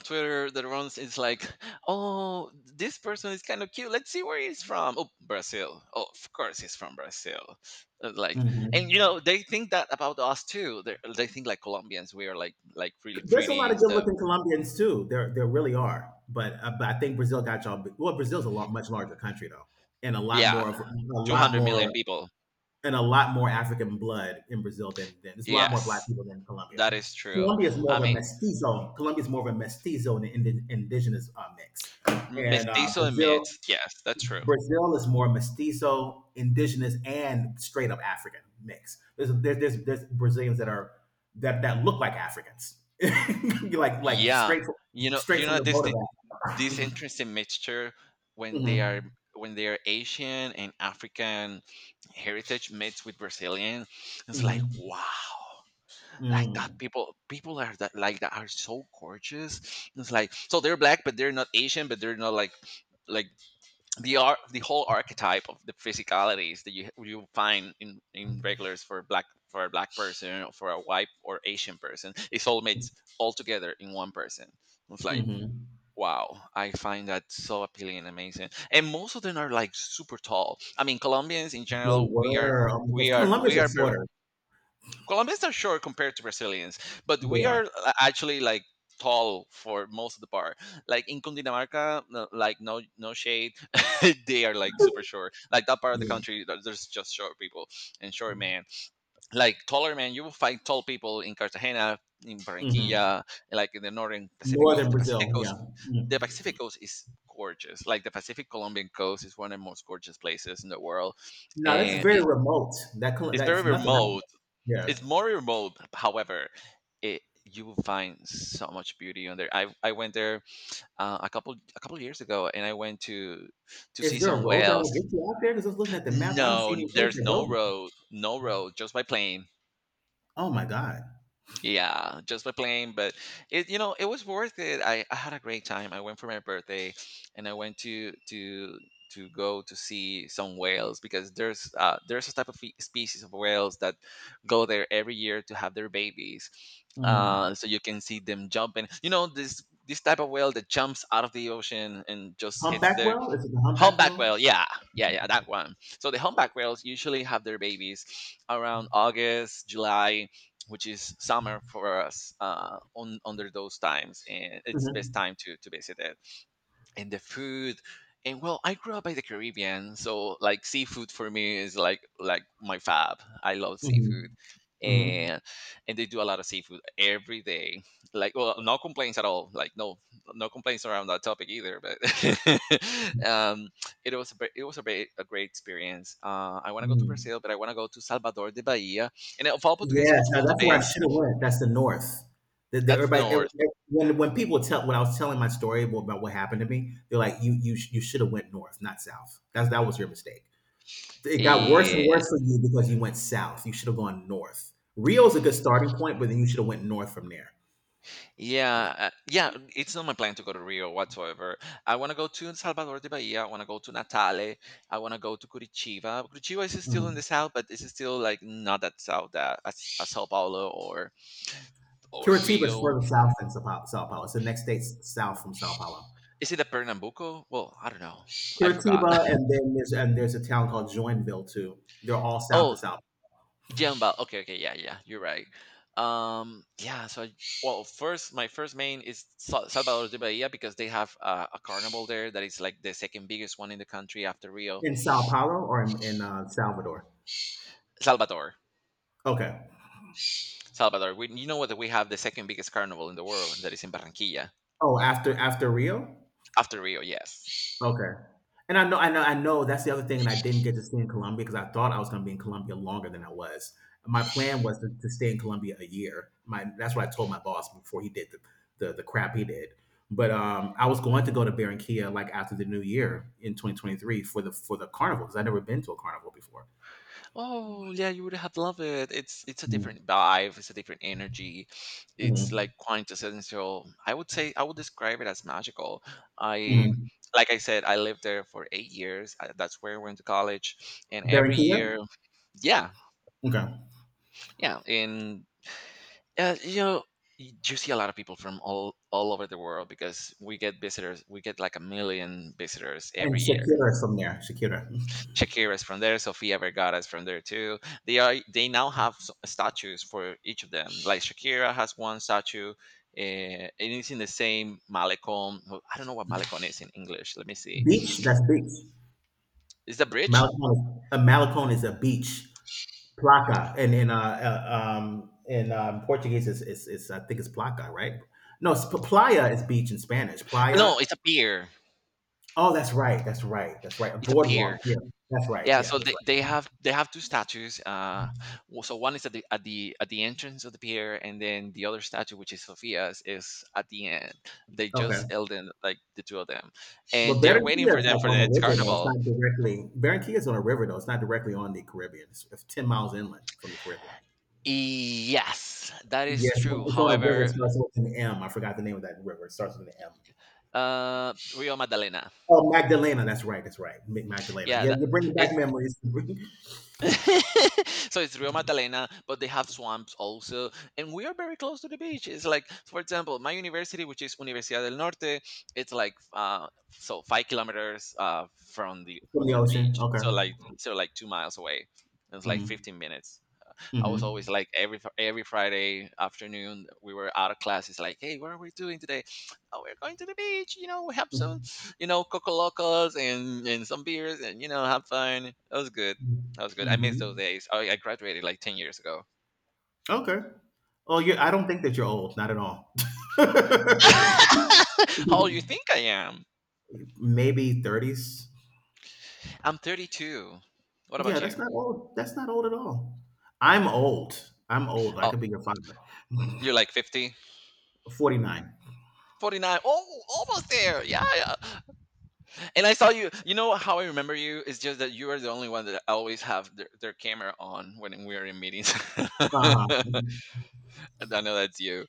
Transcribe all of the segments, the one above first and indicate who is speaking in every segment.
Speaker 1: Twitter that runs is like, oh, this person is kind of cute. Let's see where he's from. Oh, Brazil. Oh, of course he's from Brazil. Uh, Like, and you
Speaker 2: Mhm.
Speaker 1: know, they think that about us too. They think like Colombians, we are like really
Speaker 2: There's a
Speaker 1: pretty
Speaker 2: lot of
Speaker 1: and stuff.
Speaker 2: good-looking Colombians too. There really are. But I think Brazil got y'all. Well, Brazil's a lot much larger country though, and a lot
Speaker 1: Yeah,
Speaker 2: more of a
Speaker 1: two
Speaker 2: lot
Speaker 1: hundred million
Speaker 2: more
Speaker 1: people.
Speaker 2: and a lot more African blood in Brazil than there's a lot more black
Speaker 1: Yes,
Speaker 2: people than Colombia.
Speaker 1: that is true.
Speaker 2: Colombia is
Speaker 1: I
Speaker 2: more of a
Speaker 1: mean,
Speaker 2: mestizo. Colombia is more of a mestizo and an indigenous mix, and
Speaker 1: Mestizo
Speaker 2: Brazil
Speaker 1: admits. Yes, that's true.
Speaker 2: Brazil is more mestizo, indigenous, and straight up African mix. There's Brazilians that are that look like Africans, like
Speaker 1: Yeah, you know,
Speaker 2: straight
Speaker 1: you
Speaker 2: from
Speaker 1: know
Speaker 2: the
Speaker 1: this.
Speaker 2: boat of Africa.
Speaker 1: This interesting mixture when they
Speaker 2: Mm-hmm.
Speaker 1: are when they are Asian and African heritage mixed with Brazilian, it's like
Speaker 2: Mm-hmm.
Speaker 1: wow, like that
Speaker 2: Mm-hmm.
Speaker 1: people are that like that are so gorgeous. It's like so they're black, but they're not Asian, but they're not like the whole archetype of the physicalities that you find in regulars for black for a black person or for a white or Asian person. It's all mixed all together in one person. It's like
Speaker 2: Mm-hmm.
Speaker 1: wow, I find that so appealing and amazing. And most of them are like super tall. I mean, Colombians in
Speaker 2: They
Speaker 1: general,
Speaker 2: were
Speaker 1: we
Speaker 2: because
Speaker 1: are
Speaker 2: Colombians
Speaker 1: we
Speaker 2: are
Speaker 1: are ver-
Speaker 2: shorter.
Speaker 1: Colombians are short compared to Brazilians, but
Speaker 2: They
Speaker 1: we
Speaker 2: are.
Speaker 1: are actually like tall for most of the part. Like in Cundinamarca, like no shade, they are like super short. Like that part of the
Speaker 2: Yeah.
Speaker 1: country, there's just short people and short men like taller men. You will find tall people in Cartagena, in
Speaker 2: Mm-hmm.
Speaker 1: Barranquilla, like in the northern Pacific coast.
Speaker 2: Northern
Speaker 1: the pacific
Speaker 2: Brazil. Yeah.
Speaker 1: coast the
Speaker 2: Mm.
Speaker 1: Pacific coast is gorgeous. Like the Pacific Colombian coast is one of the most gorgeous places in the world,
Speaker 2: Now that's
Speaker 1: and
Speaker 2: very remote.
Speaker 1: it's very
Speaker 2: That's nothing out
Speaker 1: remote.
Speaker 2: there. Yeah.
Speaker 1: It's more remote. However, it you will find so much beauty on there. I went there a couple years ago, and I went to
Speaker 2: Is
Speaker 1: see
Speaker 2: there a
Speaker 1: some
Speaker 2: road that will
Speaker 1: whales.
Speaker 2: get you out there? Because I was looking at the map, I haven't
Speaker 1: No,
Speaker 2: seen any roads
Speaker 1: there's
Speaker 2: that
Speaker 1: no
Speaker 2: go.
Speaker 1: road, just by plane.
Speaker 2: Oh my god.
Speaker 1: Yeah, just by playing, but it you know it was worth it. I had a great time. I went for my birthday, and I went to go to see some whales because there's a species of whales that go there every year to have their babies.
Speaker 2: Mm.
Speaker 1: So you can see them jumping. You know this this type of whale that jumps out of the ocean and just hits
Speaker 2: Humpback
Speaker 1: the
Speaker 2: whale? Is it the humpback
Speaker 1: humpback
Speaker 2: whale?
Speaker 1: whale, yeah, yeah, that one. So the humpback whales usually have their babies around August, July, which is summer for us on under those times, and it's the best
Speaker 2: Mhm.
Speaker 1: time to visit it and the food and well, I grew up by the Caribbean, so like seafood for me is like my fab I love seafood,
Speaker 2: Mhm. Mhm.
Speaker 1: and and they do a lot of seafood every day. Like, well, no complaints at all. Like no complaints around that topic either, but um it was a a great experience. I want to go to
Speaker 2: Mm.
Speaker 1: Brazil, but I want to go to Salvador de Bahia, and of all, portuguese
Speaker 2: Yes,
Speaker 1: muito
Speaker 2: now
Speaker 1: bom
Speaker 2: that's where I
Speaker 1: também.
Speaker 2: should have went. That's the north. The,
Speaker 1: That's the
Speaker 2: everybody, ev-
Speaker 1: north.
Speaker 2: ev- when people tell when I was telling my story about what happened to me, they're like, "You you should have went north, not south. That's that was your mistake. It got worse and
Speaker 1: Yeah.
Speaker 2: worse for you because you went south. You should have gone north. Rio's a good starting point, but then you should have went north from there.
Speaker 1: Yeah, it's not my plan to go to Rio whatsoever. I want to go to Salvador de Bahia. I want to go to Natale. I want to go to Curitiba. Curitiba is still in the south, but it's still like not that south as Sao Paulo or
Speaker 2: Curitiba is
Speaker 1: Rio.
Speaker 2: further south than Sao Paulo. Sao Paulo. It's the next state south from Sao Paulo.
Speaker 1: Is it a Pernambuco? Well, I don't know. I forgot.
Speaker 2: Curitiba, and then there's a town called Joinville too. They're all south of
Speaker 1: oh,
Speaker 2: Sao
Speaker 1: Jamba. Okay, okay, yeah, yeah. You're right. Um, yeah. So, I, First, my first main is Salvador de Bahia because they have a carnival there that is like the second biggest one in the country after Rio.
Speaker 2: in Sao Paulo or in, Salvador.
Speaker 1: Salvador.
Speaker 2: Okay.
Speaker 1: Salvador, we, you know that we have the second biggest carnival in the world that is in Barranquilla
Speaker 2: Oh, after after Rio.
Speaker 1: after Rio. Yes.
Speaker 2: Okay. And I know I know that's the other thing that I didn't get to stay in Colombia because I thought I was gonna be in Colombia longer than I was. My plan was to stay in Colombia a year. My that's what I told my boss before he did the the, crap he did. But I was going to go to Barranquilla like after the new year in 2023 for the carnival because I'd never been to a carnival before.
Speaker 1: Oh yeah, you would have loved it. It's a
Speaker 2: Mm,
Speaker 1: different vibe. It's a different energy. It's
Speaker 2: mhm,
Speaker 1: like quintessential. I would say I would describe it as magical. I
Speaker 2: mhm.
Speaker 1: Like I said, I lived there for 8 years. I, that's where I went to college, and every
Speaker 2: Barranquilla,
Speaker 1: year, yeah,
Speaker 2: okay,
Speaker 1: yeah, and you know. You see a lot of people from all over the world because we get visitors. We get like a million visitors
Speaker 2: and
Speaker 1: every year.
Speaker 2: Shakira is from there. Shakira.
Speaker 1: Shakira's from there, Sofia Vergara's from there too. They now have statues for each of them. Like Shakira has one statue, and it's in the same Malecon. Well, I don't know what Malecon is in English. Let me see.
Speaker 2: Beach, that's beach.
Speaker 1: Is the bridge?
Speaker 2: Malecon, a Malecon is a beach. Placa and in Portuguese is it's I think it's placa, right? No, it's playa is beach in Spanish. Playa.
Speaker 1: No, it's a pier.
Speaker 2: Oh, that's right. That's right. That's right. A
Speaker 1: It's a pier.
Speaker 2: boardwalk. Yeah, that's right.
Speaker 1: Yeah.
Speaker 2: Yeah,
Speaker 1: So
Speaker 2: that's
Speaker 1: they have they have two statues. So one is at the at the at the entrance of the pier, and then the other statue, which is Sofia's, is at the end. They
Speaker 2: right.
Speaker 1: just
Speaker 2: Okay.
Speaker 1: held in like the two of them,
Speaker 2: But
Speaker 1: and they're waiting
Speaker 2: Barranquilla
Speaker 1: for
Speaker 2: is
Speaker 1: them
Speaker 2: like
Speaker 1: for the
Speaker 2: on a
Speaker 1: next
Speaker 2: river though. It's
Speaker 1: carnival.
Speaker 2: not directly. Barranquilla is on a river though. It's not directly on the Caribbean. It's 10 miles inland from the Caribbean.
Speaker 1: Yes, that is
Speaker 2: Yes,
Speaker 1: true.
Speaker 2: it's on a river. It
Speaker 1: However,
Speaker 2: starts with an M. I forgot the name of that river. It starts with an M.
Speaker 1: Rio Magdalena,
Speaker 2: Oh, Magdalena. That's right. That's right. Magdalena.
Speaker 1: yeah,
Speaker 2: Yeah,
Speaker 1: that,
Speaker 2: you're bringing back
Speaker 1: it's
Speaker 2: memories from the
Speaker 1: so it's Rio Magdalena, but they have swamps also, and we are very close to the beach. It's like, for example, my university, which is Universidad del Norte, it's like so 5 kilometers from the
Speaker 2: ocean.
Speaker 1: beach,
Speaker 2: Okay.
Speaker 1: so like 2 miles away. It's like
Speaker 2: Hmm.
Speaker 1: 15 minutes. I was always
Speaker 2: Mhm.
Speaker 1: like every Friday afternoon we were out of class. It's like, hey, what are we doing today? Oh, we're going to the beach. You know, we have some,
Speaker 2: Mm.
Speaker 1: you know, coco locos and some beers and you know have fun. That was good.
Speaker 2: Mm.
Speaker 1: That was good. I miss those
Speaker 2: Mhm.
Speaker 1: days. I graduated like 10 years ago.
Speaker 2: Okay. Oh, yeah, I don't think that you're old, not at all.
Speaker 1: How old you think I am?
Speaker 2: Maybe 30s?
Speaker 1: I'm 32. What about
Speaker 2: Yeah,
Speaker 1: you?
Speaker 2: that's not old. That's not old at all. I'm old. I'm old. I
Speaker 1: Oh,
Speaker 2: could be your father.
Speaker 1: you're like 50,
Speaker 2: 49.
Speaker 1: 49. Oh, almost there. Yeah, yeah. And I saw you. You know how I remember you is just that you are the only one that always have their camera on when we are in meetings.
Speaker 2: uh
Speaker 1: I know that's you.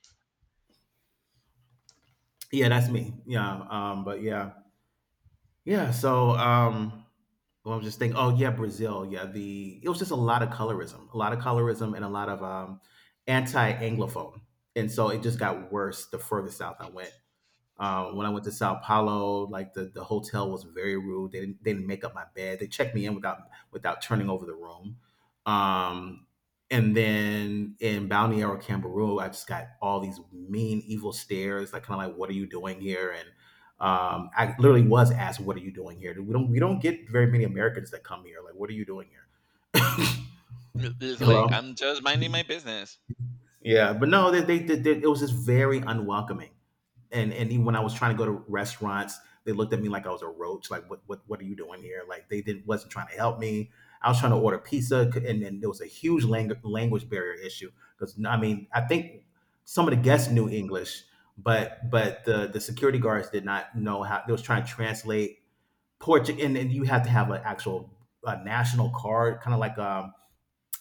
Speaker 2: Yeah, that's me. Yeah, but yeah. Yeah, so well, I'm just thinking, oh yeah, Brazil. Yeah, the it was just a lot of colorism, a lot of colorism and a lot of anti-anglophone. And so it just got worse the further south I went. When I went to Sao Paulo, like the hotel was very rude. They didn't make up my bed. They checked me in without turning over the room. Um, and then in Balneario Camboriú, I just got all these mean, evil stares. Like kind of like, what are you doing here? And I literally was asked, "What are you doing here? We don't get very many Americans that come here. Like, what are you doing here?"
Speaker 1: It's like
Speaker 2: Hello.
Speaker 1: I'm just minding my business.
Speaker 2: Yeah, but no, it was just very unwelcoming. And even when I was trying to go to restaurants, they looked at me like I was a roach. Like, what are you doing here? Like, they didn't wasn't trying to help me. I was trying to order pizza, and then there was a huge language barrier issue because I mean, I think some of the guests knew English, but but the security guards did not know how. They was trying to translate Portuguese, and then you have to have an actual national card, kind of like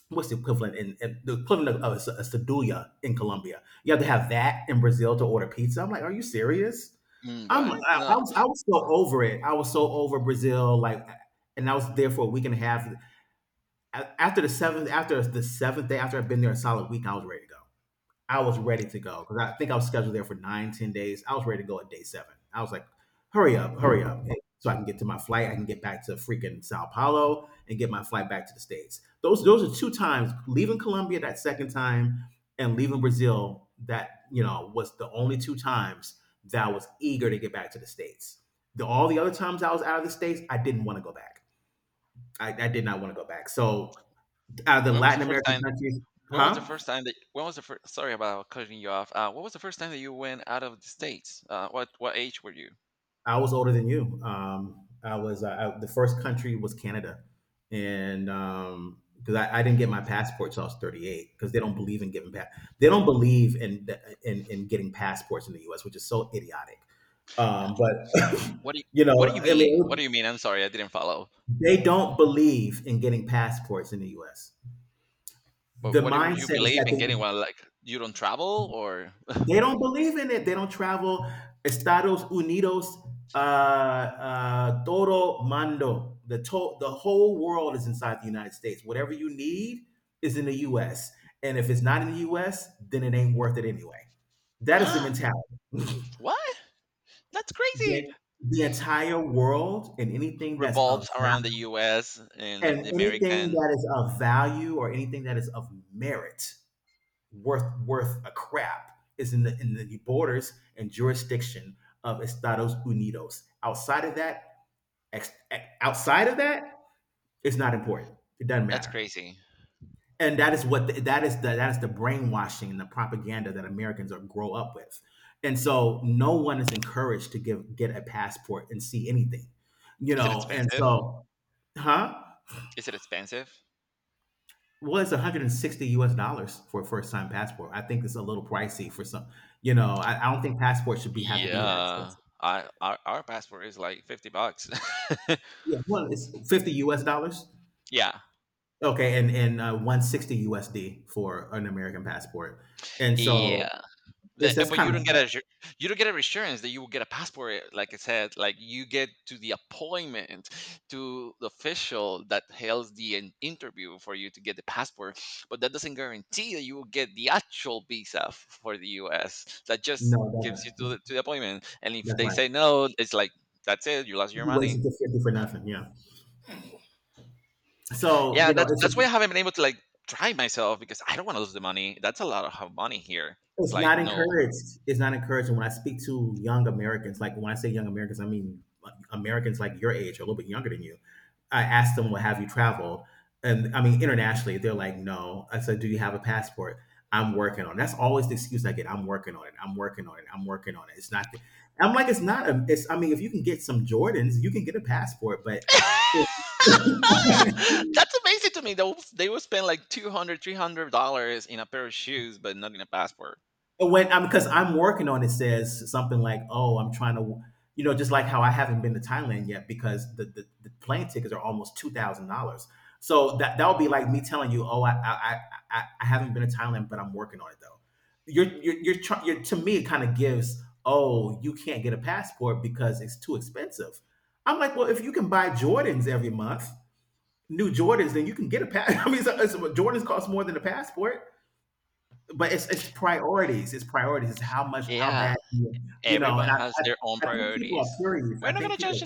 Speaker 2: what's the equivalent the equivalent of a, a sedulla in Colombia. You have to have that in Brazil to order pizza. I'm like, are you serious?
Speaker 1: Mm, what?
Speaker 2: I'm I,
Speaker 1: No.
Speaker 2: I was so over it. I was so over Brazil. Like, and I was there for a week and a half. After the seventh day, after I'd been there a solid week, I was ready to go. I was ready to go because I think I was scheduled there for nine, 10 days. I was ready to go at day seven. I was like, hurry up, hurry up. And so I can get to my flight. I can get back to freaking Sao Paulo and get my flight back to the States. Those are two times leaving Colombia that second time and leaving Brazil that, you know, was the only two times that I was eager to get back to the States. All the other times I was out of the States, I didn't want to go back. I did not want to go back. So out of the
Speaker 1: When was the
Speaker 2: Latin
Speaker 1: first
Speaker 2: American
Speaker 1: time?
Speaker 2: countries,
Speaker 1: When was the
Speaker 2: huh?
Speaker 1: first time that? When was the first? Sorry about cutting you off. What was the first time that you went out of the states? What age were you?
Speaker 2: I was older than you. I was the first country was Canada, and because I didn't get my passport till I was 38, because they don't believe in giving they don't believe in getting passports in the U.S., which is so idiotic. But you
Speaker 1: What do you
Speaker 2: know, I
Speaker 1: mean? What
Speaker 2: mean,
Speaker 1: do you mean? I'm sorry, I didn't follow.
Speaker 2: they don't believe in getting passports in the U.S.
Speaker 1: But
Speaker 2: The
Speaker 1: what would you
Speaker 2: mindset is
Speaker 1: believe in getting
Speaker 2: that
Speaker 1: one? Like you don't travel or?
Speaker 2: they don't believe in it. They don't travel. Estados Unidos, todo mundo. The whole world is inside the United States. Whatever you need is in the U.S. And if it's not in the U.S., then it ain't worth it anyway. That is the mentality.
Speaker 1: What? That's crazy.
Speaker 2: The, the entire world and anything that's of
Speaker 1: Revolves around the US
Speaker 2: and
Speaker 1: and the
Speaker 2: anything
Speaker 1: American.
Speaker 2: that is of value or anything that is of merit worth worth a crap is in the borders and jurisdiction of Estados Unidos. Outside of that, outside of that, it's not important. It doesn't
Speaker 1: That's
Speaker 2: matter.
Speaker 1: crazy.
Speaker 2: And that is what the, that is the that is the brainwashing and the propaganda that Americans are grow up with. And so no one is encouraged to give get a passport and see anything. You
Speaker 1: Is it
Speaker 2: know, and
Speaker 1: expensive?
Speaker 2: so huh?
Speaker 1: Is it expensive?
Speaker 2: Well, it's 160 US dollars for a first time passport. I think it's a little pricey for some, you know, I don't think passports should be have to be that
Speaker 1: Yeah.
Speaker 2: expensive.
Speaker 1: Our passport is like 50 bucks.
Speaker 2: Yeah, well, it's 50 US dollars.
Speaker 1: Yeah.
Speaker 2: Okay, and 160 USD for an American passport. And so
Speaker 1: Yeah. The-
Speaker 2: it's that's
Speaker 1: but
Speaker 2: kind
Speaker 1: you
Speaker 2: of
Speaker 1: don't get a you don't get a reassurance that you will get a passport. Like I said, like you get to the appointment to the official that hails the interview for you to get the passport, but that doesn't guarantee that you will get the actual visa for the U.S. That just
Speaker 2: no, it
Speaker 1: gives you
Speaker 2: doesn't.
Speaker 1: to the appointment, and if
Speaker 2: That's
Speaker 1: they
Speaker 2: right.
Speaker 1: say no, it's like that's it. You lost your
Speaker 2: You
Speaker 1: money.
Speaker 2: wasted the 50 for nothing. Yeah. So,
Speaker 1: Yeah,
Speaker 2: you know,
Speaker 1: that's
Speaker 2: it's
Speaker 1: that's
Speaker 2: just
Speaker 1: why I haven't been able to like try myself because I don't want to lose the money. That's a lot of money here. It's
Speaker 2: it's
Speaker 1: like
Speaker 2: not
Speaker 1: no.
Speaker 2: encouraged. It's not encouraged. And when I speak to young Americans, like when I say young Americans, I mean Americans like your age, or a little bit younger than you. I ask them, "Well, have you traveled?" And I mean internationally, they're like, "No." I said, "Do you have a passport? I'm working on it." That's always the excuse I get. I'm working on it. I'm working on it. I'm working on it. It's not. I'm like, it's not. A, it's. I mean, if you can get some Jordans, you can get a passport. But
Speaker 1: That's amazing to me. They will spend like 200, $300 in a pair of shoes, but not in a passport.
Speaker 2: But when I'm because I'm working on it says something like, "Oh, I'm trying to," you know, just like how I haven't been to Thailand yet because the plane tickets are almost $2,000. So that that would be like me telling you, "Oh, I haven't been to Thailand, but I'm working on it though." You're to me it kind of gives, "Oh, you can't get a passport because it's too expensive." I'm like, well, if you can buy Jordans every month, new Jordans, then you can get a pass. I mean, so, so Jordans cost more than a passport but it's priorities. It's priorities. It's how much, how
Speaker 1: Yeah,
Speaker 2: bad, you know. And
Speaker 1: everyone
Speaker 2: I,
Speaker 1: has their own
Speaker 2: I, I think people are
Speaker 1: priorities.
Speaker 2: curious.
Speaker 1: We're
Speaker 2: I
Speaker 1: not
Speaker 2: think
Speaker 1: gonna
Speaker 2: people
Speaker 1: judge
Speaker 2: are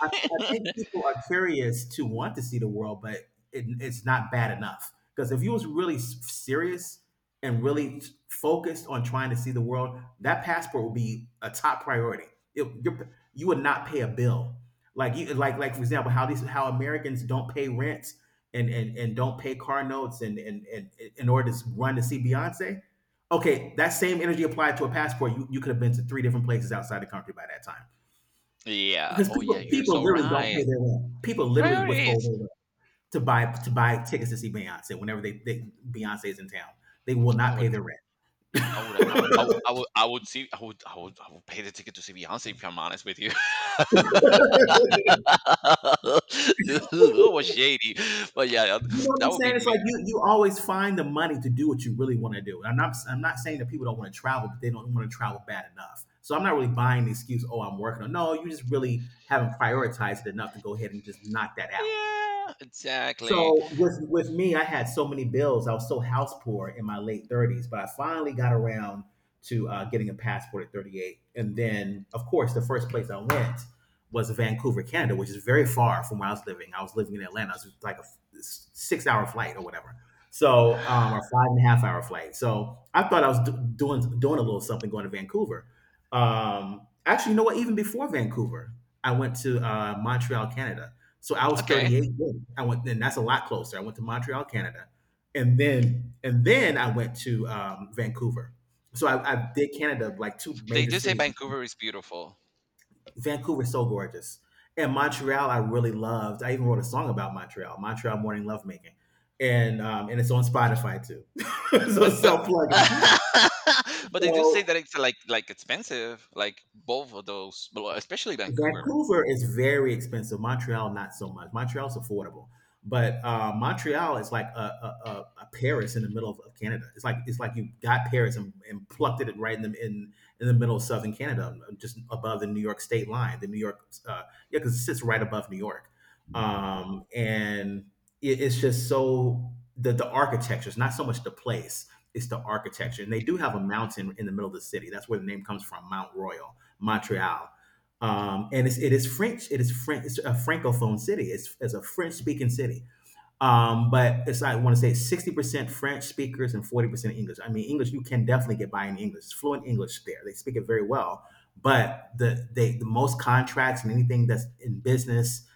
Speaker 2: I, I think people are curious to want to see the world, but it's not bad enough. Because if you was really serious and really focused on trying to see the world, that passport would be a top priority. You would not pay a bill. Like like for example, how these how Americans don't pay rent and don't pay car notes and in order to run to see Beyonce. Okay, that same energy applied to a passport, you could have been to three different places outside the country by that time.
Speaker 1: Yeah.
Speaker 2: Because
Speaker 1: Oh
Speaker 2: people
Speaker 1: yeah, you're
Speaker 2: people
Speaker 1: so
Speaker 2: literally don't
Speaker 1: right.
Speaker 2: pay their rent. People literally withhold
Speaker 1: Priorities.
Speaker 2: their rent to buy tickets to see Beyonce whenever they Beyonce is in town. They will
Speaker 1: I
Speaker 2: not
Speaker 1: would.
Speaker 2: pay their rent.
Speaker 1: I would. I would. I would see. I would. I would. I would pay the ticket to see Beyonce. If I'm honest with you. That was shady. But yeah,
Speaker 2: You know what I'm
Speaker 1: that would be
Speaker 2: saying? It's like
Speaker 1: me.
Speaker 2: you always find the money to do what you really want to do. And I'm not saying that people don't want to travel, but they don't want to travel bad enough. So I'm not really buying the excuse, oh, I'm working on no, you just really haven't prioritized it enough to go ahead and just knock that out.
Speaker 1: Yeah. Exactly.
Speaker 2: So with me, I had so many bills. I was so house poor in my late thirties, but I finally got around to getting a passport at 38. And then, of course, the first place I went was Vancouver, Canada, which is very far from where I was living. I was living in Atlanta. It was like a 6 hour flight or whatever. So, or five and a half hour flight. So I thought I was doing a little something going to Vancouver. Actually, you know what? Even before Vancouver, I went to Montreal, Canada, so I was
Speaker 1: Okay.
Speaker 2: 38 then. I went, and that's a lot closer. I went to Montreal, Canada, and then I went to Vancouver. So I did Canada, like two
Speaker 1: They
Speaker 2: major
Speaker 1: do say
Speaker 2: cities.
Speaker 1: Vancouver is beautiful,
Speaker 2: Vancouver's so gorgeous, and Montreal I really loved. I even wrote a song about Montreal, Montreal Morning Lovemaking, and it's on Spotify too. So
Speaker 1: but
Speaker 2: self plugging.
Speaker 1: but they do say
Speaker 2: So
Speaker 1: that it's like expensive, like both of those, well, especially Vancouver.
Speaker 2: Vancouver is very expensive. Montreal, not so much. Montreal's affordable, but Montreal is like a Paris in the middle of Canada. It's like you got Paris, and plucked it right in the middle of southern Canada, just above the New York state line. The New York, yeah, because it sits right above New York, and it's just so the architecture. It's not so much the place; it's the architecture. And they do have a mountain in the middle of the city. That's where the name comes from, Mount Royal, Montreal. Um, and it's, it is French. It is French. It's a francophone city. It's a French speaking city. But it's like, I want to say 60% French speakers and 40% English. I mean, English you can definitely get by in English. It's fluent English there. They speak it very well. But the most contracts and anything that's in business,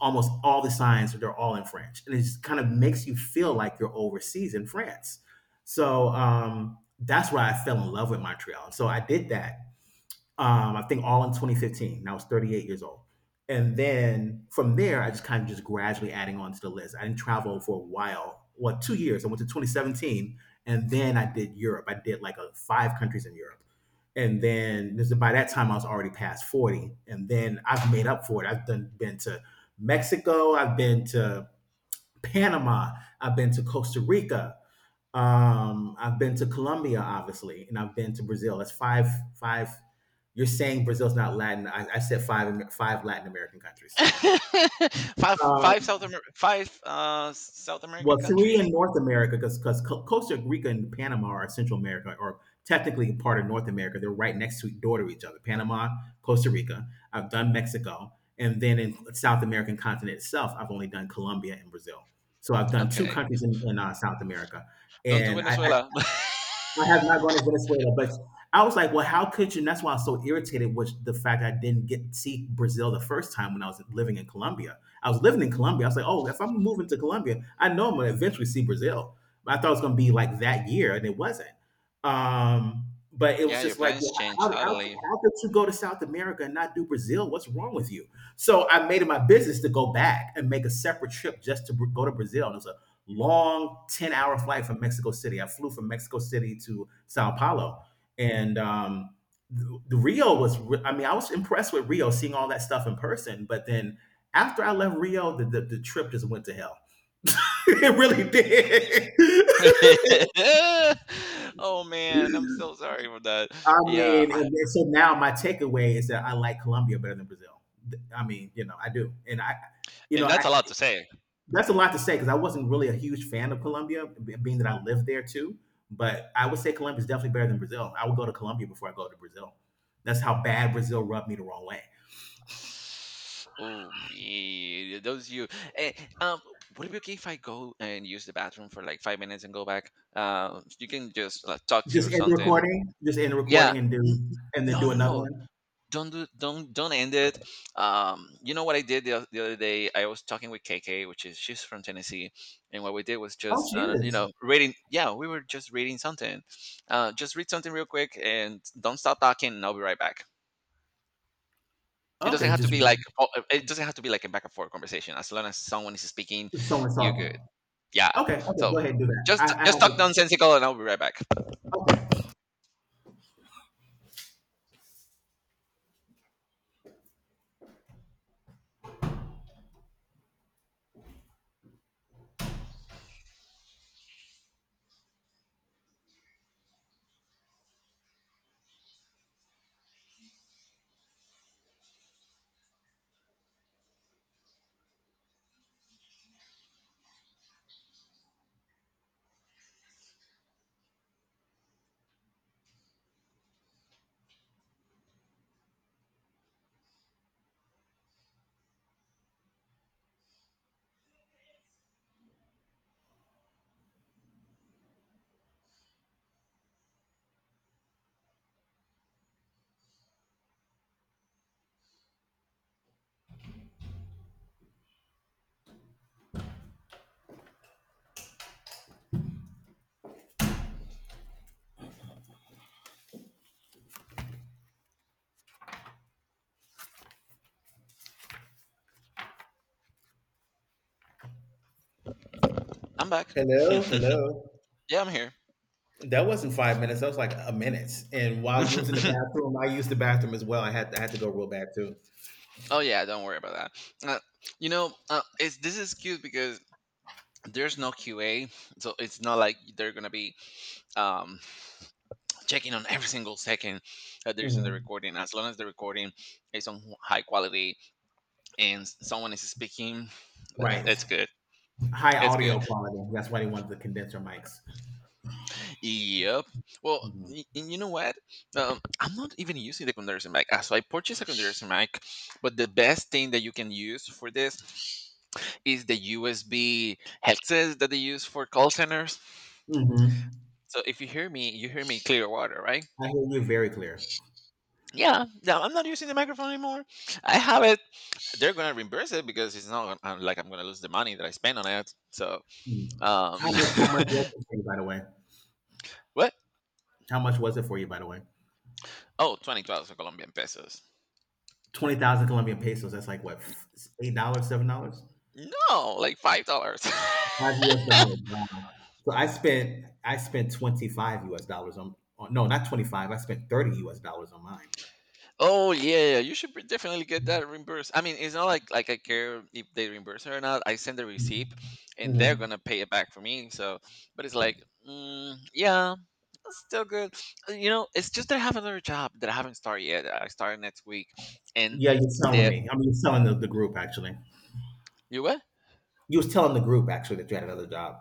Speaker 2: almost all the signs they're all in French, and it just kind of makes you feel like you're overseas in France. So that's why I fell in love with Montreal. So I did that I think all in 2015. And I was 38 years old. And then from there, I just kind of just gradually adding on to the list. I didn't travel for a while. Well, 2 years. I went to 2017, and then I did Europe. I did like a, five countries in Europe. And then this, by that time, I was already past 40. And then I've made up for it. I've done, been to Mexico. I've been to Panama. I've been to Costa Rica. I've been to Colombia, obviously, and I've been to Brazil. That's five. You're saying Brazil's not Latin. I said five Latin American countries.
Speaker 1: five
Speaker 2: Uh,
Speaker 1: five South Amer- five South American
Speaker 2: Well, three
Speaker 1: countries.
Speaker 2: in North America, because Costa Rica and Panama are Central America, or technically part of North America. They're right next to door to each other. Panama, Costa Rica. I've done Mexico, and then in South American continent itself, I've only done Colombia and Brazil. So I've done two
Speaker 1: Okay,
Speaker 2: countries in, South America,
Speaker 1: don't do
Speaker 2: and
Speaker 1: Venezuela.
Speaker 2: I have not gone to Venezuela, but I was like, well, how could you? And that's why I was so irritated with the fact I didn't get to see Brazil the first time when I was living in Colombia. I was living in Colombia. I was like, oh, if I'm moving to Colombia, I know I'm going to eventually see Brazil. But I thought it was going to be like that year, and it wasn't. But it
Speaker 1: Yeah,
Speaker 2: was
Speaker 1: your
Speaker 2: just like,
Speaker 1: plans
Speaker 2: well,
Speaker 1: change totally.
Speaker 2: how could you go to South America and not do Brazil? What's wrong with you? So I made it my business to go back and make a separate trip just to go to Brazil. And it was long 10-hour flight from Mexico City. I flew from Mexico City to Sao Paulo. And the Rio was, I mean, I was impressed with Rio, seeing all that stuff in person. But then after I left Rio, the trip just went to hell. It really did.
Speaker 1: Oh man, I'm so sorry for that.
Speaker 2: I
Speaker 1: Yeah,
Speaker 2: mean,
Speaker 1: I,
Speaker 2: and then so now my takeaway is that I like Colombia better than Brazil. I mean, you know, I do. And I, you know,
Speaker 1: and that's
Speaker 2: I,
Speaker 1: a lot to say.
Speaker 2: That's a lot to say because I wasn't really a huge fan of Colombia, being that I lived there too. But I would say Colombia is definitely better than Brazil. I would go to Colombia before I go to Brazil. That's how bad Brazil rubbed me the wrong way.
Speaker 1: Oh me, those you. Eh, um, would it be okay if I go and use the bathroom for like 5 minutes and go back? You can just like, talk to you or
Speaker 2: Just end the
Speaker 1: something.
Speaker 2: recording. Just end the
Speaker 1: Yeah.
Speaker 2: recording, and do
Speaker 1: N- n-
Speaker 2: and then do another
Speaker 1: No.
Speaker 2: one.
Speaker 1: Don't end it. You know what I did the other day? I was talking with KK, which is she's from Tennessee, and what we did was
Speaker 2: Oh,
Speaker 1: just
Speaker 2: she
Speaker 1: you
Speaker 2: is.
Speaker 1: know reading. Yeah, we were just reading something. Just read something real quick and don't stop talking, and I'll be right back.
Speaker 2: Okay, just
Speaker 1: It doesn't have to be like a back and forth conversation. As long as someone is speaking,
Speaker 2: someone's
Speaker 1: you're good.
Speaker 2: talking.
Speaker 1: Yeah.
Speaker 2: Okay, okay, go
Speaker 1: So
Speaker 2: ahead and do that.
Speaker 1: just
Speaker 2: I have
Speaker 1: just talk
Speaker 2: a
Speaker 1: nonsensical, and I'll be right back.
Speaker 2: okay.
Speaker 1: I'm back.
Speaker 2: Hello, hello.
Speaker 1: Yeah, I'm here.
Speaker 2: That wasn't 5 minutes. That was like a minute. And while you was in the bathroom, I used the bathroom as well. I had to go real bad too.
Speaker 1: Oh yeah, don't worry about that. Uh, this is cute because there's no QA, so it's not like they're gonna be um, checking on every single second that there's in the
Speaker 2: Mhm.
Speaker 1: recording. As long as the recording is on high quality and someone is speaking,
Speaker 2: Right.
Speaker 1: it's good.
Speaker 2: High
Speaker 1: It's good.
Speaker 2: audio quality. That's why they wanted the condenser mics.
Speaker 1: Yep. Well,
Speaker 2: hmm
Speaker 1: and you know what? I'm not even using the condenser mic. So I purchased a condenser mic, but the best thing that you can use for this is the USB headsets that they use for call centers.
Speaker 2: hmm
Speaker 1: So if you hear me, you hear me clear water, right?
Speaker 2: I hear you very clear.
Speaker 1: Yeah. No, I'm not using the microphone anymore. I have it. They're gonna reimburse it because it's not like I'm gonna lose the money that I spent on it. So,
Speaker 2: Mm.
Speaker 1: um,
Speaker 2: How much? How much was it for you, by the way?
Speaker 1: what?
Speaker 2: How much was it for you, by the way?
Speaker 1: Oh, 2012 for Colombian pesos.
Speaker 2: 20,000 Colombian pesos. That's like what $8, $7,
Speaker 1: No, like $5.
Speaker 2: five U.S. dollars. Wow. So I spent 25 U.S. dollars on no, not 25. I spent 30 U.S. dollars on mine.
Speaker 1: Oh yeah, yeah, you should definitely get that reimbursed. I mean, it's not like I care if they reimburse her or not. I send the receipt, and they're
Speaker 2: Hmm.
Speaker 1: gonna pay it back for me. So, but it's like, mm, yeah, it's still good. It's just that I have another job that I haven't started yet. I start next week, and
Speaker 2: Yeah, you're telling
Speaker 1: the
Speaker 2: me. I mean, you're telling the group actually.
Speaker 1: you what?
Speaker 2: You was telling the group actually that you had another job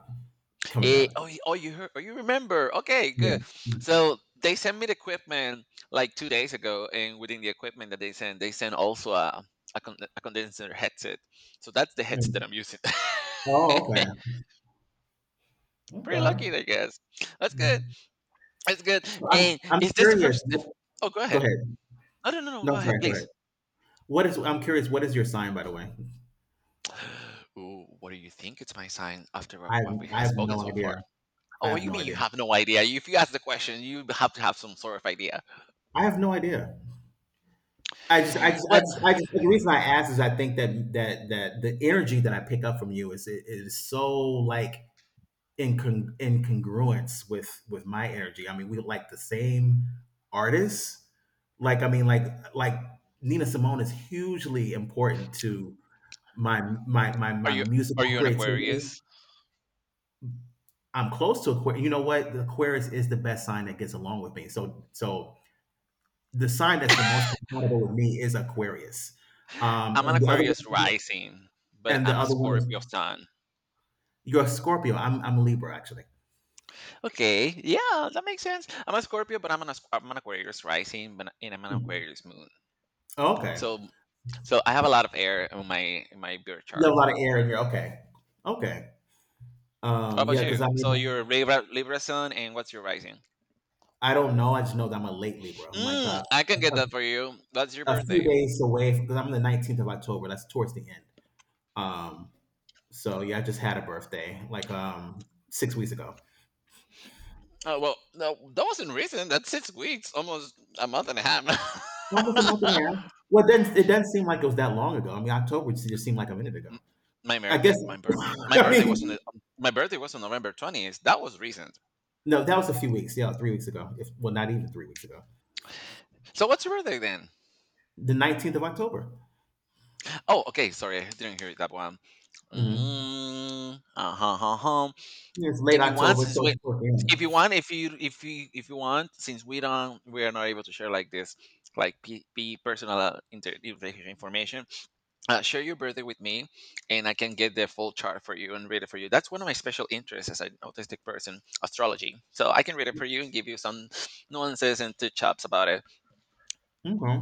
Speaker 2: coming up.
Speaker 1: You heard, you remember? Okay, good. So they sent me the equipment like 2 days ago, and within the equipment that they sent also a condenser headset. So that's the
Speaker 2: Yeah.
Speaker 1: headset that I'm using.
Speaker 2: Oh, okay.
Speaker 1: Pretty lucky,
Speaker 2: Okay.
Speaker 1: I guess. That's good.
Speaker 2: Mm.
Speaker 1: That's good.
Speaker 2: So I'm
Speaker 1: And
Speaker 2: I'm
Speaker 1: is this the
Speaker 2: curious.
Speaker 1: first? If, Oh, go
Speaker 2: Go
Speaker 1: ahead.
Speaker 2: ahead.
Speaker 1: Oh, no, no, no.
Speaker 2: No,
Speaker 1: Go ahead,
Speaker 2: sorry. Go ahead.
Speaker 1: please.
Speaker 2: What is? I'm curious. What is your sign, by the way?
Speaker 1: Ooh, what do you think? It's my sign after what
Speaker 2: I
Speaker 1: what we
Speaker 2: I
Speaker 1: have
Speaker 2: have
Speaker 1: spoken
Speaker 2: no
Speaker 1: so
Speaker 2: idea.
Speaker 1: far.
Speaker 2: I
Speaker 1: Oh,
Speaker 2: have
Speaker 1: you
Speaker 2: no
Speaker 1: mean you
Speaker 2: idea.
Speaker 1: have no idea? If you ask the question, you have to have some sort of idea.
Speaker 2: I have no idea.
Speaker 1: Well,
Speaker 2: I just the reason I ask is I think that the energy that I pick up from you is it is so like in in congruence with my energy. I mean, we like the same artists. Like I mean, Nina Simone is hugely important to my
Speaker 1: Are you are
Speaker 2: musical
Speaker 1: you an
Speaker 2: creativity.
Speaker 1: Aquarius?
Speaker 2: I'm close to Aquarius. You know what? The Aquarius is the best sign that gets along with me. So so the sign that's the most compatible with me is Aquarius. Um,
Speaker 1: I'm an
Speaker 2: and the other
Speaker 1: Aquarius
Speaker 2: one,
Speaker 1: rising, but
Speaker 2: and the
Speaker 1: I'm a
Speaker 2: other one is
Speaker 1: Scorpio sun.
Speaker 2: you're Scorpio. I'm a Libra actually.
Speaker 1: Okay, yeah, that makes sense. I'm a Scorpio, but I'm an Aquarius rising, but and I'm an
Speaker 2: Hmm.
Speaker 1: Aquarius moon.
Speaker 2: Okay.
Speaker 1: So so I have a lot of air in my birth
Speaker 2: You have
Speaker 1: chart.
Speaker 2: a lot of air in here. Okay. Okay.
Speaker 1: How about
Speaker 2: Yeah, because
Speaker 1: you?
Speaker 2: I
Speaker 1: So
Speaker 2: mean,
Speaker 1: you're Libra sun, and what's your rising?
Speaker 2: I don't know. I just know that I'm a late Libra. I'm like
Speaker 1: I can get
Speaker 2: a,
Speaker 1: that for you. That's your
Speaker 2: a few
Speaker 1: birthday.
Speaker 2: days away because I'm the 19th of October. That's towards the end. Um, So yeah, I just had a birthday like 6 weeks ago,
Speaker 1: Oh well, no, that wasn't recent. That's 6 weeks, almost a month and a half.
Speaker 2: almost a month and a half. Well, then it doesn't seem like it was that long ago. I mean, October just seemed like a minute ago.
Speaker 1: M- my
Speaker 2: I guess.
Speaker 1: birthday my birth my
Speaker 2: I
Speaker 1: birthday wasn't
Speaker 2: mean,
Speaker 1: on the- my birthday was on November 20th. That was recent.
Speaker 2: no, that was a few weeks. Yeah, 3 weeks ago. If well, not even 3 weeks ago.
Speaker 1: So what's your birthday then?
Speaker 2: The 19th of October.
Speaker 1: Oh, okay. Sorry, I didn't hear that one.
Speaker 2: Hmm.
Speaker 1: Mm, uh-huh, uh-huh.
Speaker 2: It's late
Speaker 1: If you want,
Speaker 2: October,
Speaker 1: since
Speaker 2: so
Speaker 1: we,
Speaker 2: it's fourth.
Speaker 1: if you
Speaker 2: Yeah.
Speaker 1: want, if you if you if you want, since we don't, we are not able to share like this, like p, p personal information. Share your birthday with me, and I can get the full chart for you and read it for you. That's one of my special interests as an autistic person, astrology. So I can read it for you and give you some nuances and touch ups about it.
Speaker 2: Okay.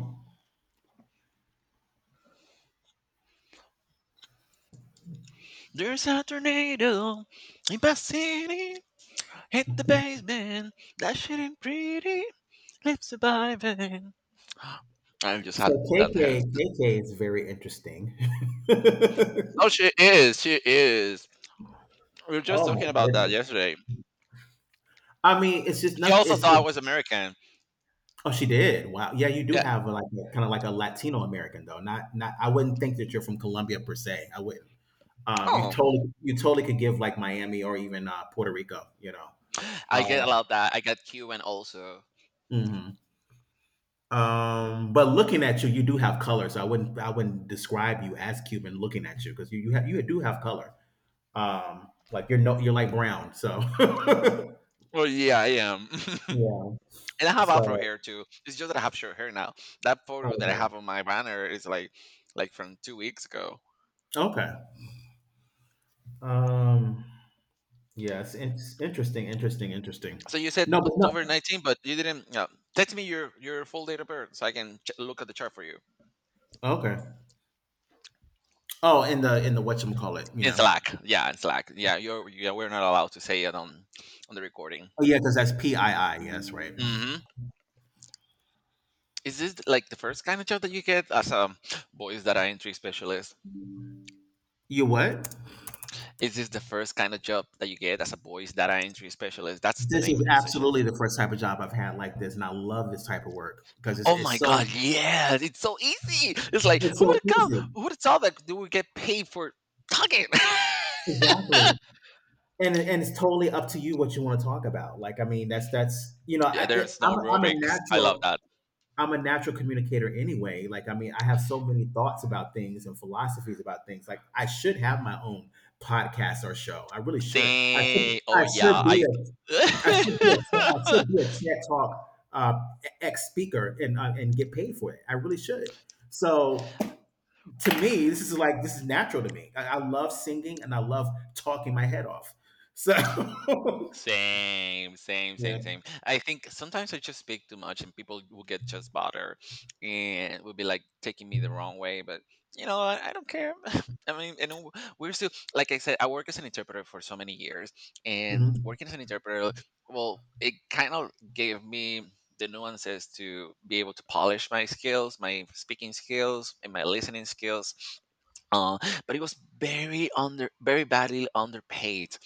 Speaker 1: There's a tornado in my city, hit the basement, that shit ain't pretty, live surviving. I just
Speaker 2: So
Speaker 1: had that. Hurts.
Speaker 2: KK is very interesting.
Speaker 1: Oh, she is, she is. We were just talking
Speaker 2: Oh
Speaker 1: about
Speaker 2: my
Speaker 1: that
Speaker 2: goodness.
Speaker 1: yesterday.
Speaker 2: I mean, it's just
Speaker 1: She
Speaker 2: nothing.
Speaker 1: also
Speaker 2: It's
Speaker 1: thought I was American.
Speaker 2: oh, she did. Wow. Yeah, you do
Speaker 1: Yeah.
Speaker 2: have a, like kind of like a Latino American though. Not not. I wouldn't think that you're from Colombia per se. I wouldn't. You
Speaker 1: Oh,
Speaker 2: totally you totally could give like Miami or even Puerto Rico.
Speaker 1: I get a lot
Speaker 2: Know.
Speaker 1: of that. I get Cuban also.
Speaker 2: Mhm. But looking at you, you do have color. So I wouldn't describe you as Cuban looking at you because you do have color. Like you're no you're like brown. So
Speaker 1: Well, yeah, I am.
Speaker 2: yeah.
Speaker 1: And I have afro
Speaker 2: So
Speaker 1: hair too. It's just that I have short hair now. That photo that I
Speaker 2: okay,
Speaker 1: have on my banner is like from 2 weeks ago.
Speaker 2: okay. Um. Yes. It's interesting. Interesting. Interesting.
Speaker 1: So you said
Speaker 2: No, but no.
Speaker 1: October 19, but you didn't text me your full date of birth so I can look at the chart for you.
Speaker 2: Okay. Oh, in the whatchamacallit.
Speaker 1: In
Speaker 2: Yeah.
Speaker 1: Slack, yeah, in Slack, yeah. You're Yeah, we're not allowed to say it on the recording.
Speaker 2: Oh yeah, because that's PII. Yes, right.
Speaker 1: Hmm. Is this like the first kind of job that you get as a voice data entry specialist?
Speaker 2: You what?
Speaker 1: Is this the first kind of job that you get as a voice data entry specialist? That's the
Speaker 2: This
Speaker 1: name of
Speaker 2: is
Speaker 1: the position.
Speaker 2: absolutely the first type of job I've had like this, and I love this type of work because
Speaker 1: Oh my god, yeah, it's so easy. It's like
Speaker 2: it's
Speaker 1: who would
Speaker 2: so
Speaker 1: have come?
Speaker 2: easy.
Speaker 1: Who would have thought that they would get paid for talking?
Speaker 2: Exactly. And it's totally up to you what you want to talk about. Like I mean, that's
Speaker 1: Yeah, there's no
Speaker 2: I'm a, I'm a
Speaker 1: rubrics. I love
Speaker 2: natural
Speaker 1: that.
Speaker 2: I'm a natural communicator anyway. Like I mean, I have so many thoughts about things and philosophies about things. Like I should have my own podcast or show. I really should.
Speaker 1: See, oh yeah, I.
Speaker 2: I should be a TED Talk, ex speaker, and get paid for it. I really should. So to me, this is natural to me. I love singing and I love talking my head off. So
Speaker 1: Same, same,
Speaker 2: yeah.
Speaker 1: same, same. I think sometimes I just speak too much and people will get just bothered and will be like taking me the wrong way. But I don't care. I mean, and we're still, like I said, I work as an interpreter for so many years, and
Speaker 2: Mhm.
Speaker 1: working as an interpreter, well, it kind of gave me the nuances to be able to polish my skills, my speaking skills, and my listening skills, uh, but it was very under very badly underpaid.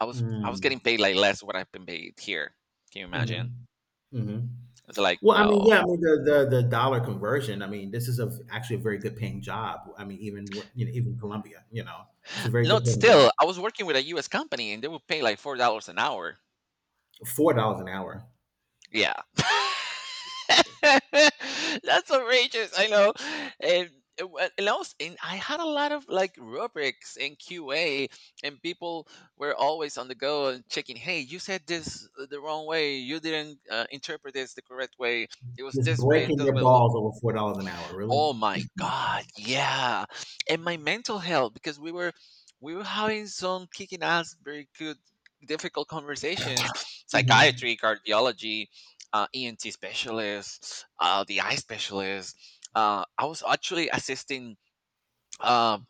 Speaker 1: I was
Speaker 2: Mm.
Speaker 1: getting paid like less what I've been paid here. Can you imagine?
Speaker 2: Mhm. Mhm.
Speaker 1: It's like
Speaker 2: Well, I mean, yeah, I
Speaker 1: no,
Speaker 2: mean the dollar conversion. I mean, this is a actually a very good paying job. I mean, even Colombia, it's a very good
Speaker 1: not.
Speaker 2: paying job.
Speaker 1: Still, I was working with a US company, and they would pay like $4 an hour.
Speaker 2: $4 an hour.
Speaker 1: Yeah. That's outrageous. I know. And, and wha- and I was and I had a lot of like rubrics in QA, and people were always on the go and checking. Hey, you said this the wrong way. You didn't interpret this the correct way. It was
Speaker 2: Just
Speaker 1: this way and
Speaker 2: breaking
Speaker 1: this
Speaker 2: your
Speaker 1: way.
Speaker 2: balls over $4 an hour, really?
Speaker 1: Oh my god, yeah. And my mental health, because we were having some kicking ass very good difficult conversations,
Speaker 2: Mhm.
Speaker 1: psychiatry, cardiology, ENT specialists, the eye specialist. I was actually assisting um,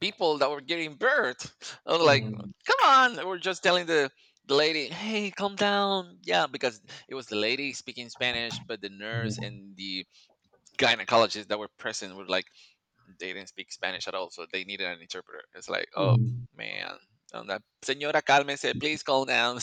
Speaker 1: people that were giving birth. I was like,
Speaker 2: Mm,
Speaker 1: come on, and we're just telling the lady, hey, calm down. Yeah, because it was the lady speaking Spanish, but the nurse
Speaker 2: mhm,
Speaker 1: and the gynecologist that were present were like, they didn't speak Spanish at all, so they needed an interpreter. It's like, oh
Speaker 2: mhm.
Speaker 1: man, on that señora, cálmese, please calm down.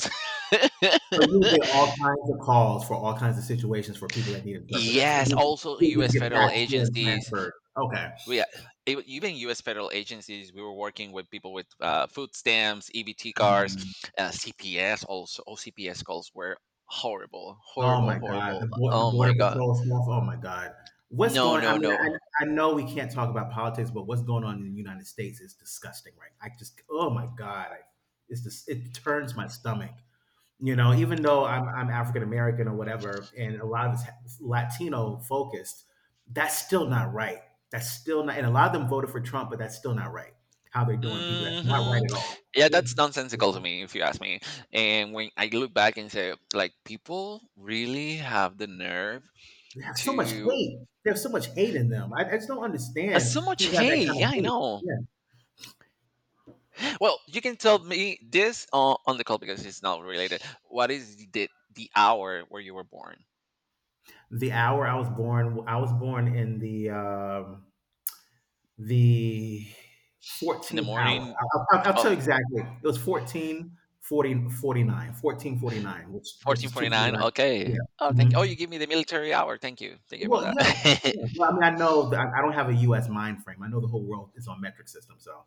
Speaker 2: So you get all kinds of calls for all kinds of situations for people that need interpreters, and
Speaker 1: Yes,
Speaker 2: you just
Speaker 1: also
Speaker 2: you just
Speaker 1: U.S.
Speaker 2: get
Speaker 1: federal
Speaker 2: patched through and
Speaker 1: agencies.
Speaker 2: transferred. Okay.
Speaker 1: We even U.S. federal agencies. We were working with people with food stamps, EBT cards,
Speaker 2: Mm.
Speaker 1: CPS. Also, CPS calls were horrible,
Speaker 2: Oh
Speaker 1: horrible,
Speaker 2: my God, the
Speaker 1: horrible.
Speaker 2: bor- the
Speaker 1: Oh my
Speaker 2: border
Speaker 1: god,
Speaker 2: patrol stuff. Oh my God, what's
Speaker 1: no,
Speaker 2: going? I
Speaker 1: no,
Speaker 2: mean,
Speaker 1: no.
Speaker 2: I know we can't talk about politics, but what's going on in the United States is disgusting, right? I just, oh my God, it's just, it turns my stomach. You know, even though I'm African American or whatever, and a lot of it's Latino focused, that's still not right. That's still not, and a lot of them voted for Trump, but that's still not right. How they're doing people, that's not
Speaker 1: Hmm.
Speaker 2: right at all.
Speaker 1: Yeah, that's nonsensical to
Speaker 2: Yeah.
Speaker 1: me if you ask me. And when I look back and say, like, people really have the nerve
Speaker 2: They have so much
Speaker 1: to
Speaker 2: hate. There's so much hate in them. I just don't understand
Speaker 1: so much
Speaker 2: people have that
Speaker 1: hate.
Speaker 2: kind
Speaker 1: Yeah,
Speaker 2: of
Speaker 1: I
Speaker 2: hate.
Speaker 1: know.
Speaker 2: Yeah.
Speaker 1: Well, you can tell me this on the call because it's not related. What is the hour where you were born?
Speaker 2: The hour I was born in the
Speaker 1: In the
Speaker 2: 14th hour.
Speaker 1: morning?
Speaker 2: I'll tell
Speaker 1: Oh,
Speaker 2: you exactly. It was 14:49, which
Speaker 1: fourteen
Speaker 2: is
Speaker 1: forty nine.
Speaker 2: 2:49.
Speaker 1: Okay.
Speaker 2: Yeah.
Speaker 1: oh thank Oh, you
Speaker 2: Mhm.
Speaker 1: give me the military hour. Thank you, thank you
Speaker 2: Well,
Speaker 1: about
Speaker 2: yeah,
Speaker 1: that.
Speaker 2: yeah. Well, I mean, I know that I don't have a U.S. mind frame. I know the whole world is on metric system, so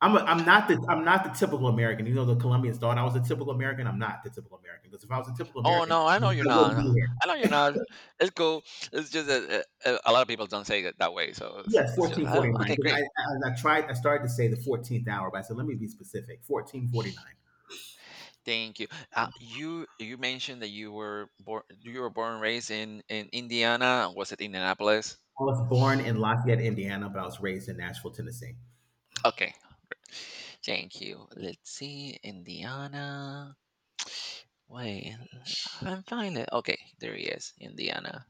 Speaker 2: I'm not the typical American. You know, the Colombians thought I was a typical American. I'm not the typical American because if I was a typical
Speaker 1: Oh
Speaker 2: American,
Speaker 1: no, I
Speaker 2: I,
Speaker 1: know
Speaker 2: would-
Speaker 1: you're
Speaker 2: I
Speaker 1: not.
Speaker 2: wouldn't be
Speaker 1: No,
Speaker 2: here.
Speaker 1: I know you're not. It's cool. It's just that a lot of people don't say it that way, so it's,
Speaker 2: Yes,
Speaker 1: it's just oh,
Speaker 2: 14:49.
Speaker 1: okay,
Speaker 2: Because I,
Speaker 1: great.
Speaker 2: I I tried I started to say the 14th hour, but I said let me be specific. 14:49. I
Speaker 1: Thank you. You mentioned that you were born and raised in Indiana. Was it Indianapolis?
Speaker 2: was born in Lafayette, Indiana, but I was raised in Nashville, Tennessee.
Speaker 1: Okay. Thank you. Let's see, Indiana. Wait, I'm finding it. Okay, there he is, Indiana.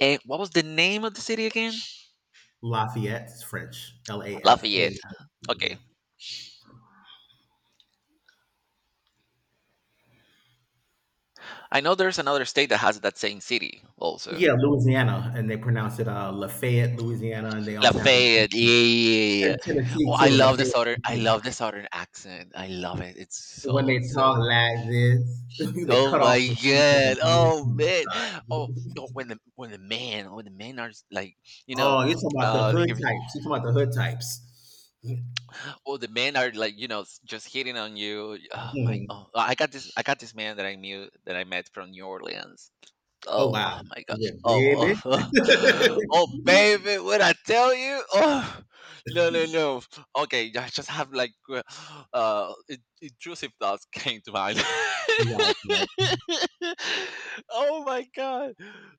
Speaker 1: And what was the name of the city again?
Speaker 2: Lafayette is French. L A F A.
Speaker 1: Lafayette.
Speaker 2: Y. E, yeah.
Speaker 1: Okay, I know there's another state that has that same city also.
Speaker 2: Yeah, Louisiana, and they pronounce it Lafayette, Louisiana, and they also have it in
Speaker 1: Lafayette. Yeah,
Speaker 2: in
Speaker 1: yeah, yeah. Yeah. Yeah.
Speaker 2: Tennessee
Speaker 1: Oh, I
Speaker 2: too,
Speaker 1: love the
Speaker 2: Lafayette.
Speaker 1: southern. I
Speaker 2: Tennessee.
Speaker 1: love the southern accent. I love it. It's
Speaker 2: When
Speaker 1: so
Speaker 2: they talk
Speaker 1: so.
Speaker 2: like this, they
Speaker 1: Oh
Speaker 2: cut off
Speaker 1: my
Speaker 2: the people. Oh
Speaker 1: god. Oh
Speaker 2: my
Speaker 1: man.
Speaker 2: God.
Speaker 1: Oh, oh, when the men are like, you know.
Speaker 2: Oh, you're talking about the hood
Speaker 1: Like,
Speaker 2: types. You're talking about the hood types.
Speaker 1: oh, the men are like, just hitting on you. Oh my!
Speaker 2: Mhm.
Speaker 1: Oh, I got this. I got this man that I knew that I met from New Orleans.
Speaker 2: Oh
Speaker 1: Oh,
Speaker 2: wow,
Speaker 1: oh my god.
Speaker 2: yeah, baby.
Speaker 1: Oh, oh, oh, baby, what I tell you? Oh, no, no, no. Okay, I just have like intrusive thoughts came to mind.
Speaker 2: Right, right.
Speaker 1: Oh my god.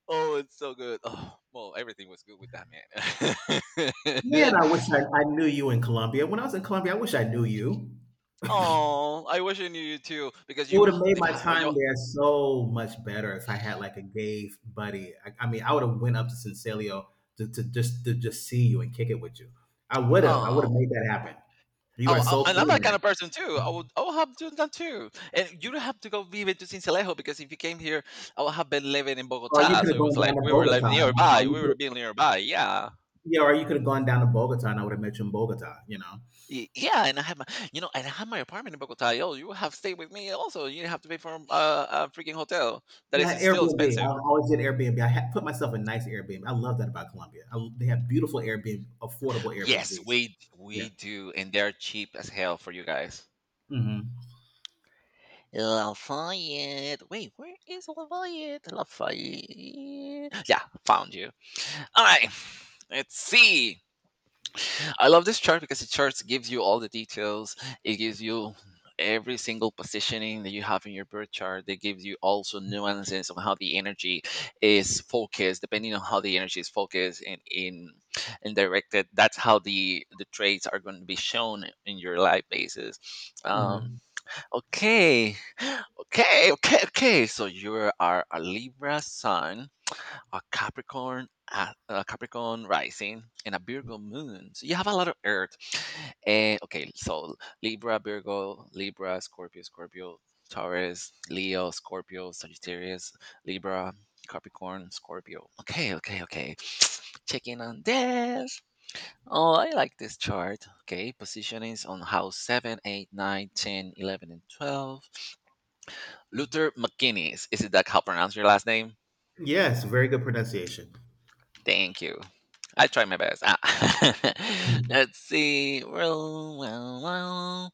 Speaker 1: Oh, it's so good. Oh, well, everything was good with that man.
Speaker 2: Man, I wish I knew you in Colombia. When I was in Colombia, I wish I knew you.
Speaker 1: Oh, I wish I knew you too because
Speaker 2: It would
Speaker 1: you
Speaker 2: have made
Speaker 1: live
Speaker 2: my
Speaker 1: how you.
Speaker 2: time there so much better if I had like a gay buddy. I mean, I would have went up to Sincilio to just see you and kick it with you. I would have. I would have
Speaker 1: Oh.
Speaker 2: made that happen. You are
Speaker 1: Oh,
Speaker 2: so
Speaker 1: and I'm
Speaker 2: cool,
Speaker 1: that kind of
Speaker 2: man.
Speaker 1: person too. I would have done that too. And you don't have to go vive to Sincelejo because if you came here, I would have been living in
Speaker 2: Or you
Speaker 1: Bogota.
Speaker 2: could
Speaker 1: So
Speaker 2: have
Speaker 1: it was
Speaker 2: gone
Speaker 1: like
Speaker 2: down to
Speaker 1: we were
Speaker 2: Bogota.
Speaker 1: living nearby.
Speaker 2: Or you
Speaker 1: We
Speaker 2: could
Speaker 1: were
Speaker 2: have,
Speaker 1: being nearby. Yeah.
Speaker 2: Yeah, or you could have gone down to Bogota and I would have met you in Bogota.
Speaker 1: Yeah, and I have my, and I have my apartment in Bogota. Yo, you have stayed with me also. You have to pay for a freaking hotel that
Speaker 2: Yeah,
Speaker 1: is still
Speaker 2: Airbnb.
Speaker 1: expensive.
Speaker 2: I always did Airbnb. I had put myself in nice Airbnb. I love that about Colombia. They have beautiful Airbnb, affordable
Speaker 1: Yes,
Speaker 2: Airbnbs.
Speaker 1: we
Speaker 2: Yeah.
Speaker 1: we do, and they're cheap as hell for you guys.
Speaker 2: Hmm.
Speaker 1: Lafayette. Wait, where is Lafayette? Lafayette. Yeah, found you. All right, let's see. I love this chart because the chart gives you all the details. It gives you every single positioning that you have in your birth chart. It gives you also nuances of how the energy is focused, depending on how the energy is focused and in and directed. That's how the traits are going to be shown in your life basis. Um,
Speaker 2: Hmm.
Speaker 1: okay, Okay, okay, okay. So you are a Libra sun, a Capricorn, a Capricorn rising, and a Virgo moon. So you have a lot of Earth. And okay, so Libra, Virgo, Libra, Scorpio, Scorpio, Taurus, Leo, Scorpio, Sagittarius, Libra, Capricorn, Scorpio. Okay, okay, okay. Checking on this. Oh, I like this chart. Okay, positionings on house 7, 8, 9, 10, 11, and 12. Luther McGuinness. Is it that how pronounce your last name?
Speaker 2: Yes, very good pronunciation.
Speaker 1: Thank you. I try my best. Ah. Let's see. Well, well, well.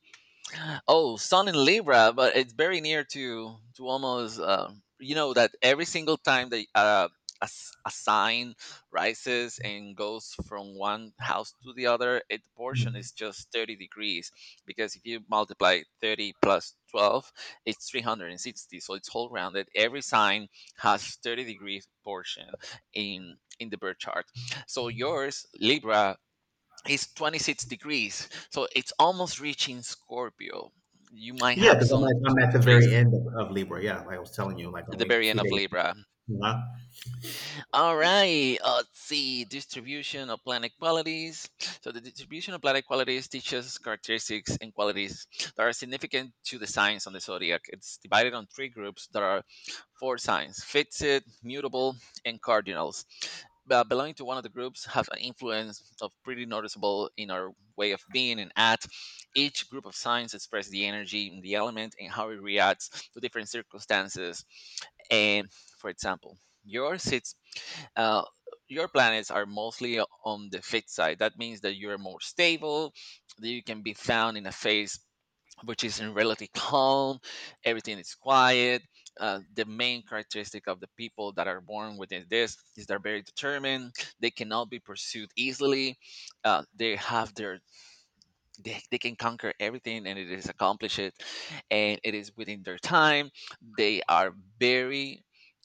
Speaker 1: Oh, Sun in Libra, but it's very near to almost. You know that every single time that a sign rises and goes from one house to the other, it, the portion is just 30 degrees, because if you multiply 30 plus 12, it's 360. So it's whole rounded. Every sign has 30 degree portion in the birth chart. So yours, Libra, it's 26 degrees, so it's almost reaching Scorpio. You might
Speaker 2: Yeah,
Speaker 1: have
Speaker 2: because I'm
Speaker 1: some,
Speaker 2: like
Speaker 1: some
Speaker 2: I'm at the
Speaker 1: strays
Speaker 2: very end of Libra. Yeah, like I was telling you, like
Speaker 1: at the
Speaker 2: only a
Speaker 1: very end
Speaker 2: few
Speaker 1: of
Speaker 2: days.
Speaker 1: Libra.
Speaker 2: Huh.
Speaker 1: All right, let's see distribution of planet qualities. So the distribution of planet qualities teaches characteristics and qualities that are significant to the signs on the zodiac. It's divided on three groups that are four signs: fixed, mutable, and cardinals. But belonging to one of the groups have an influence of pretty noticeable in our way of being and act. Each group of signs express the energy, in the element, and how it reacts to different circumstances. And for example, yours sits uh, your planets are mostly on the fixed side. That means that you're more stable, that you can be found in a phase which is in relative calm, everything is quiet. The main characteristic of the people that are born within this is they're very determined. They cannot be pursued easily. They have their They can conquer everything and it is accomplish it and it is within their time. They are very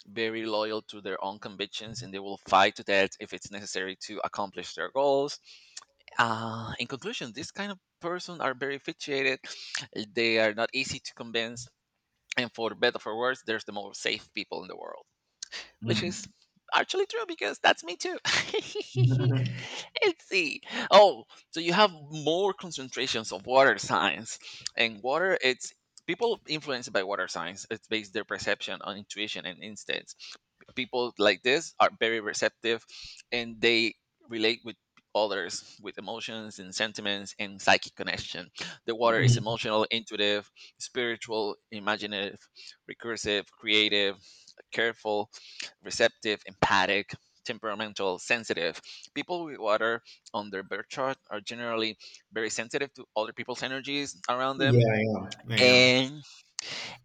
Speaker 1: very loyal to their own convictions and they will fight to death if it's necessary to accomplish their goals. In conclusion, this kind of person are very fixated. They are not easy to convince, and for better or for worse there's the most safe people in the world, which is
Speaker 2: Mm.
Speaker 1: actually true, because that's me too. Let's see. Oh, so you have more concentrations of water signs, and water it's people influenced by water signs. It's based their perception on intuition and instincts. People like this are very receptive, and they relate with others with emotions and sentiments and psychic connection. The water is
Speaker 2: Mhm.
Speaker 1: emotional, intuitive, spiritual, imaginative, recursive, creative, careful, receptive, empathic, temperamental, sensitive. People with water on their birth chart are generally very sensitive to other people's energies around them.
Speaker 2: Yeah, I am. I am.
Speaker 1: And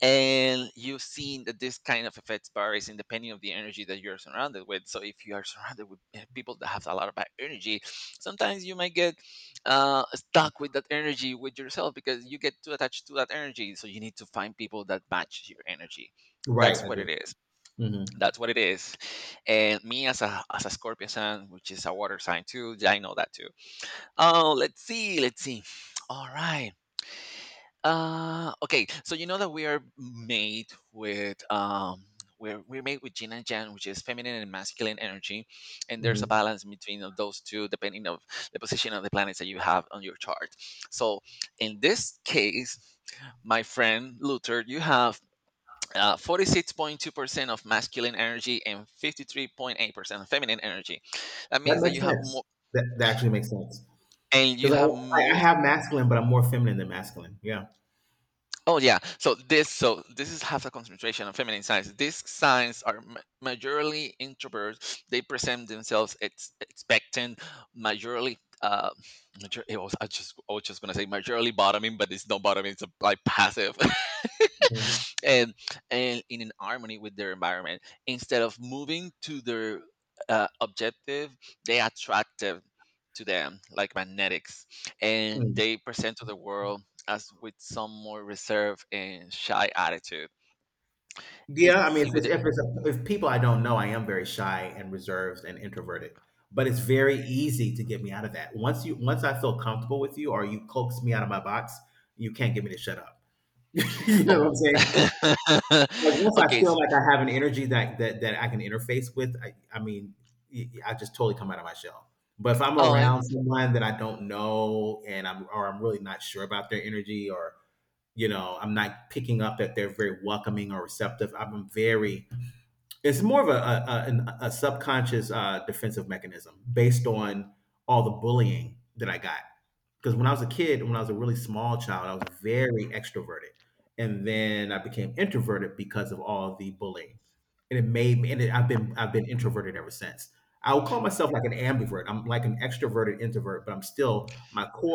Speaker 1: and you've seen that this kind of effects varies in depending of the energy that you're surrounded with. So if you are surrounded with people that have a lot of bad energy, sometimes you might get stuck with that energy with yourself because you get too attached to that energy. So you need to find people that match your energy.
Speaker 2: Right,
Speaker 1: That's
Speaker 2: I
Speaker 1: what
Speaker 2: do.
Speaker 1: it is.
Speaker 2: Mm-hmm.
Speaker 1: That's what it is. And me as a Scorpio sign, which is a water sign too, yeah, I know that too. Oh, let's see, let's see. All right. Okay. So you know that we are made with we're made with Jin and Jan, which is feminine and masculine energy, and there's a
Speaker 2: Mm-hmm.
Speaker 1: balance between of those two depending of the position of the planets that you have on your chart. So in this case, my friend Luther, you have 46.2% of masculine energy and 53.8% of feminine energy. That
Speaker 2: That
Speaker 1: means that
Speaker 2: makes
Speaker 1: you have more
Speaker 2: sense. That actually makes sense
Speaker 1: and you
Speaker 2: because
Speaker 1: have
Speaker 2: I
Speaker 1: more.
Speaker 2: have masculine, but I'm more feminine than masculine. Yeah.
Speaker 1: Oh yeah. So this is half a concentration of feminine signs. These signs are majorly introverts. They present themselves expectant, majorly. It was, I was just gonna say majorly bottoming, but it's not bottoming. It's like passive.
Speaker 2: Mm.
Speaker 1: and and in an harmony with their environment, instead of moving to their objective, they attractive to them like magnetics, and
Speaker 2: Mm.
Speaker 1: they present to the world as with some more reserved and shy attitude. It's
Speaker 2: Yeah, I mean,
Speaker 1: with the
Speaker 2: if people I don't know, I am very shy and reserved and introverted. But it's very easy to get me out of that. Once you once I feel comfortable with you, or you coax me out of my box, you can't get me to shut up. You know what
Speaker 1: oh,
Speaker 2: I'm saying? Like once I
Speaker 1: okay. s
Speaker 2: feel like I have an energy that I can interface with, I mean, I just totally come out of my shell. But if I'm
Speaker 1: oh,
Speaker 2: around
Speaker 1: and
Speaker 2: someone that I don't know and I'm really not sure about their energy or you know I'm not picking up that they're very welcoming or receptive, I'm very it's more of a a subconscious defensive mechanism based on all the bullying that I got because when I was a kid, when I was a really small child, I was very extroverted, and then I became introverted because of all the bullying, and it made me. And it, I've been introverted ever since. I would call myself like an ambivert. I'm like an extroverted introvert, but I'm still my core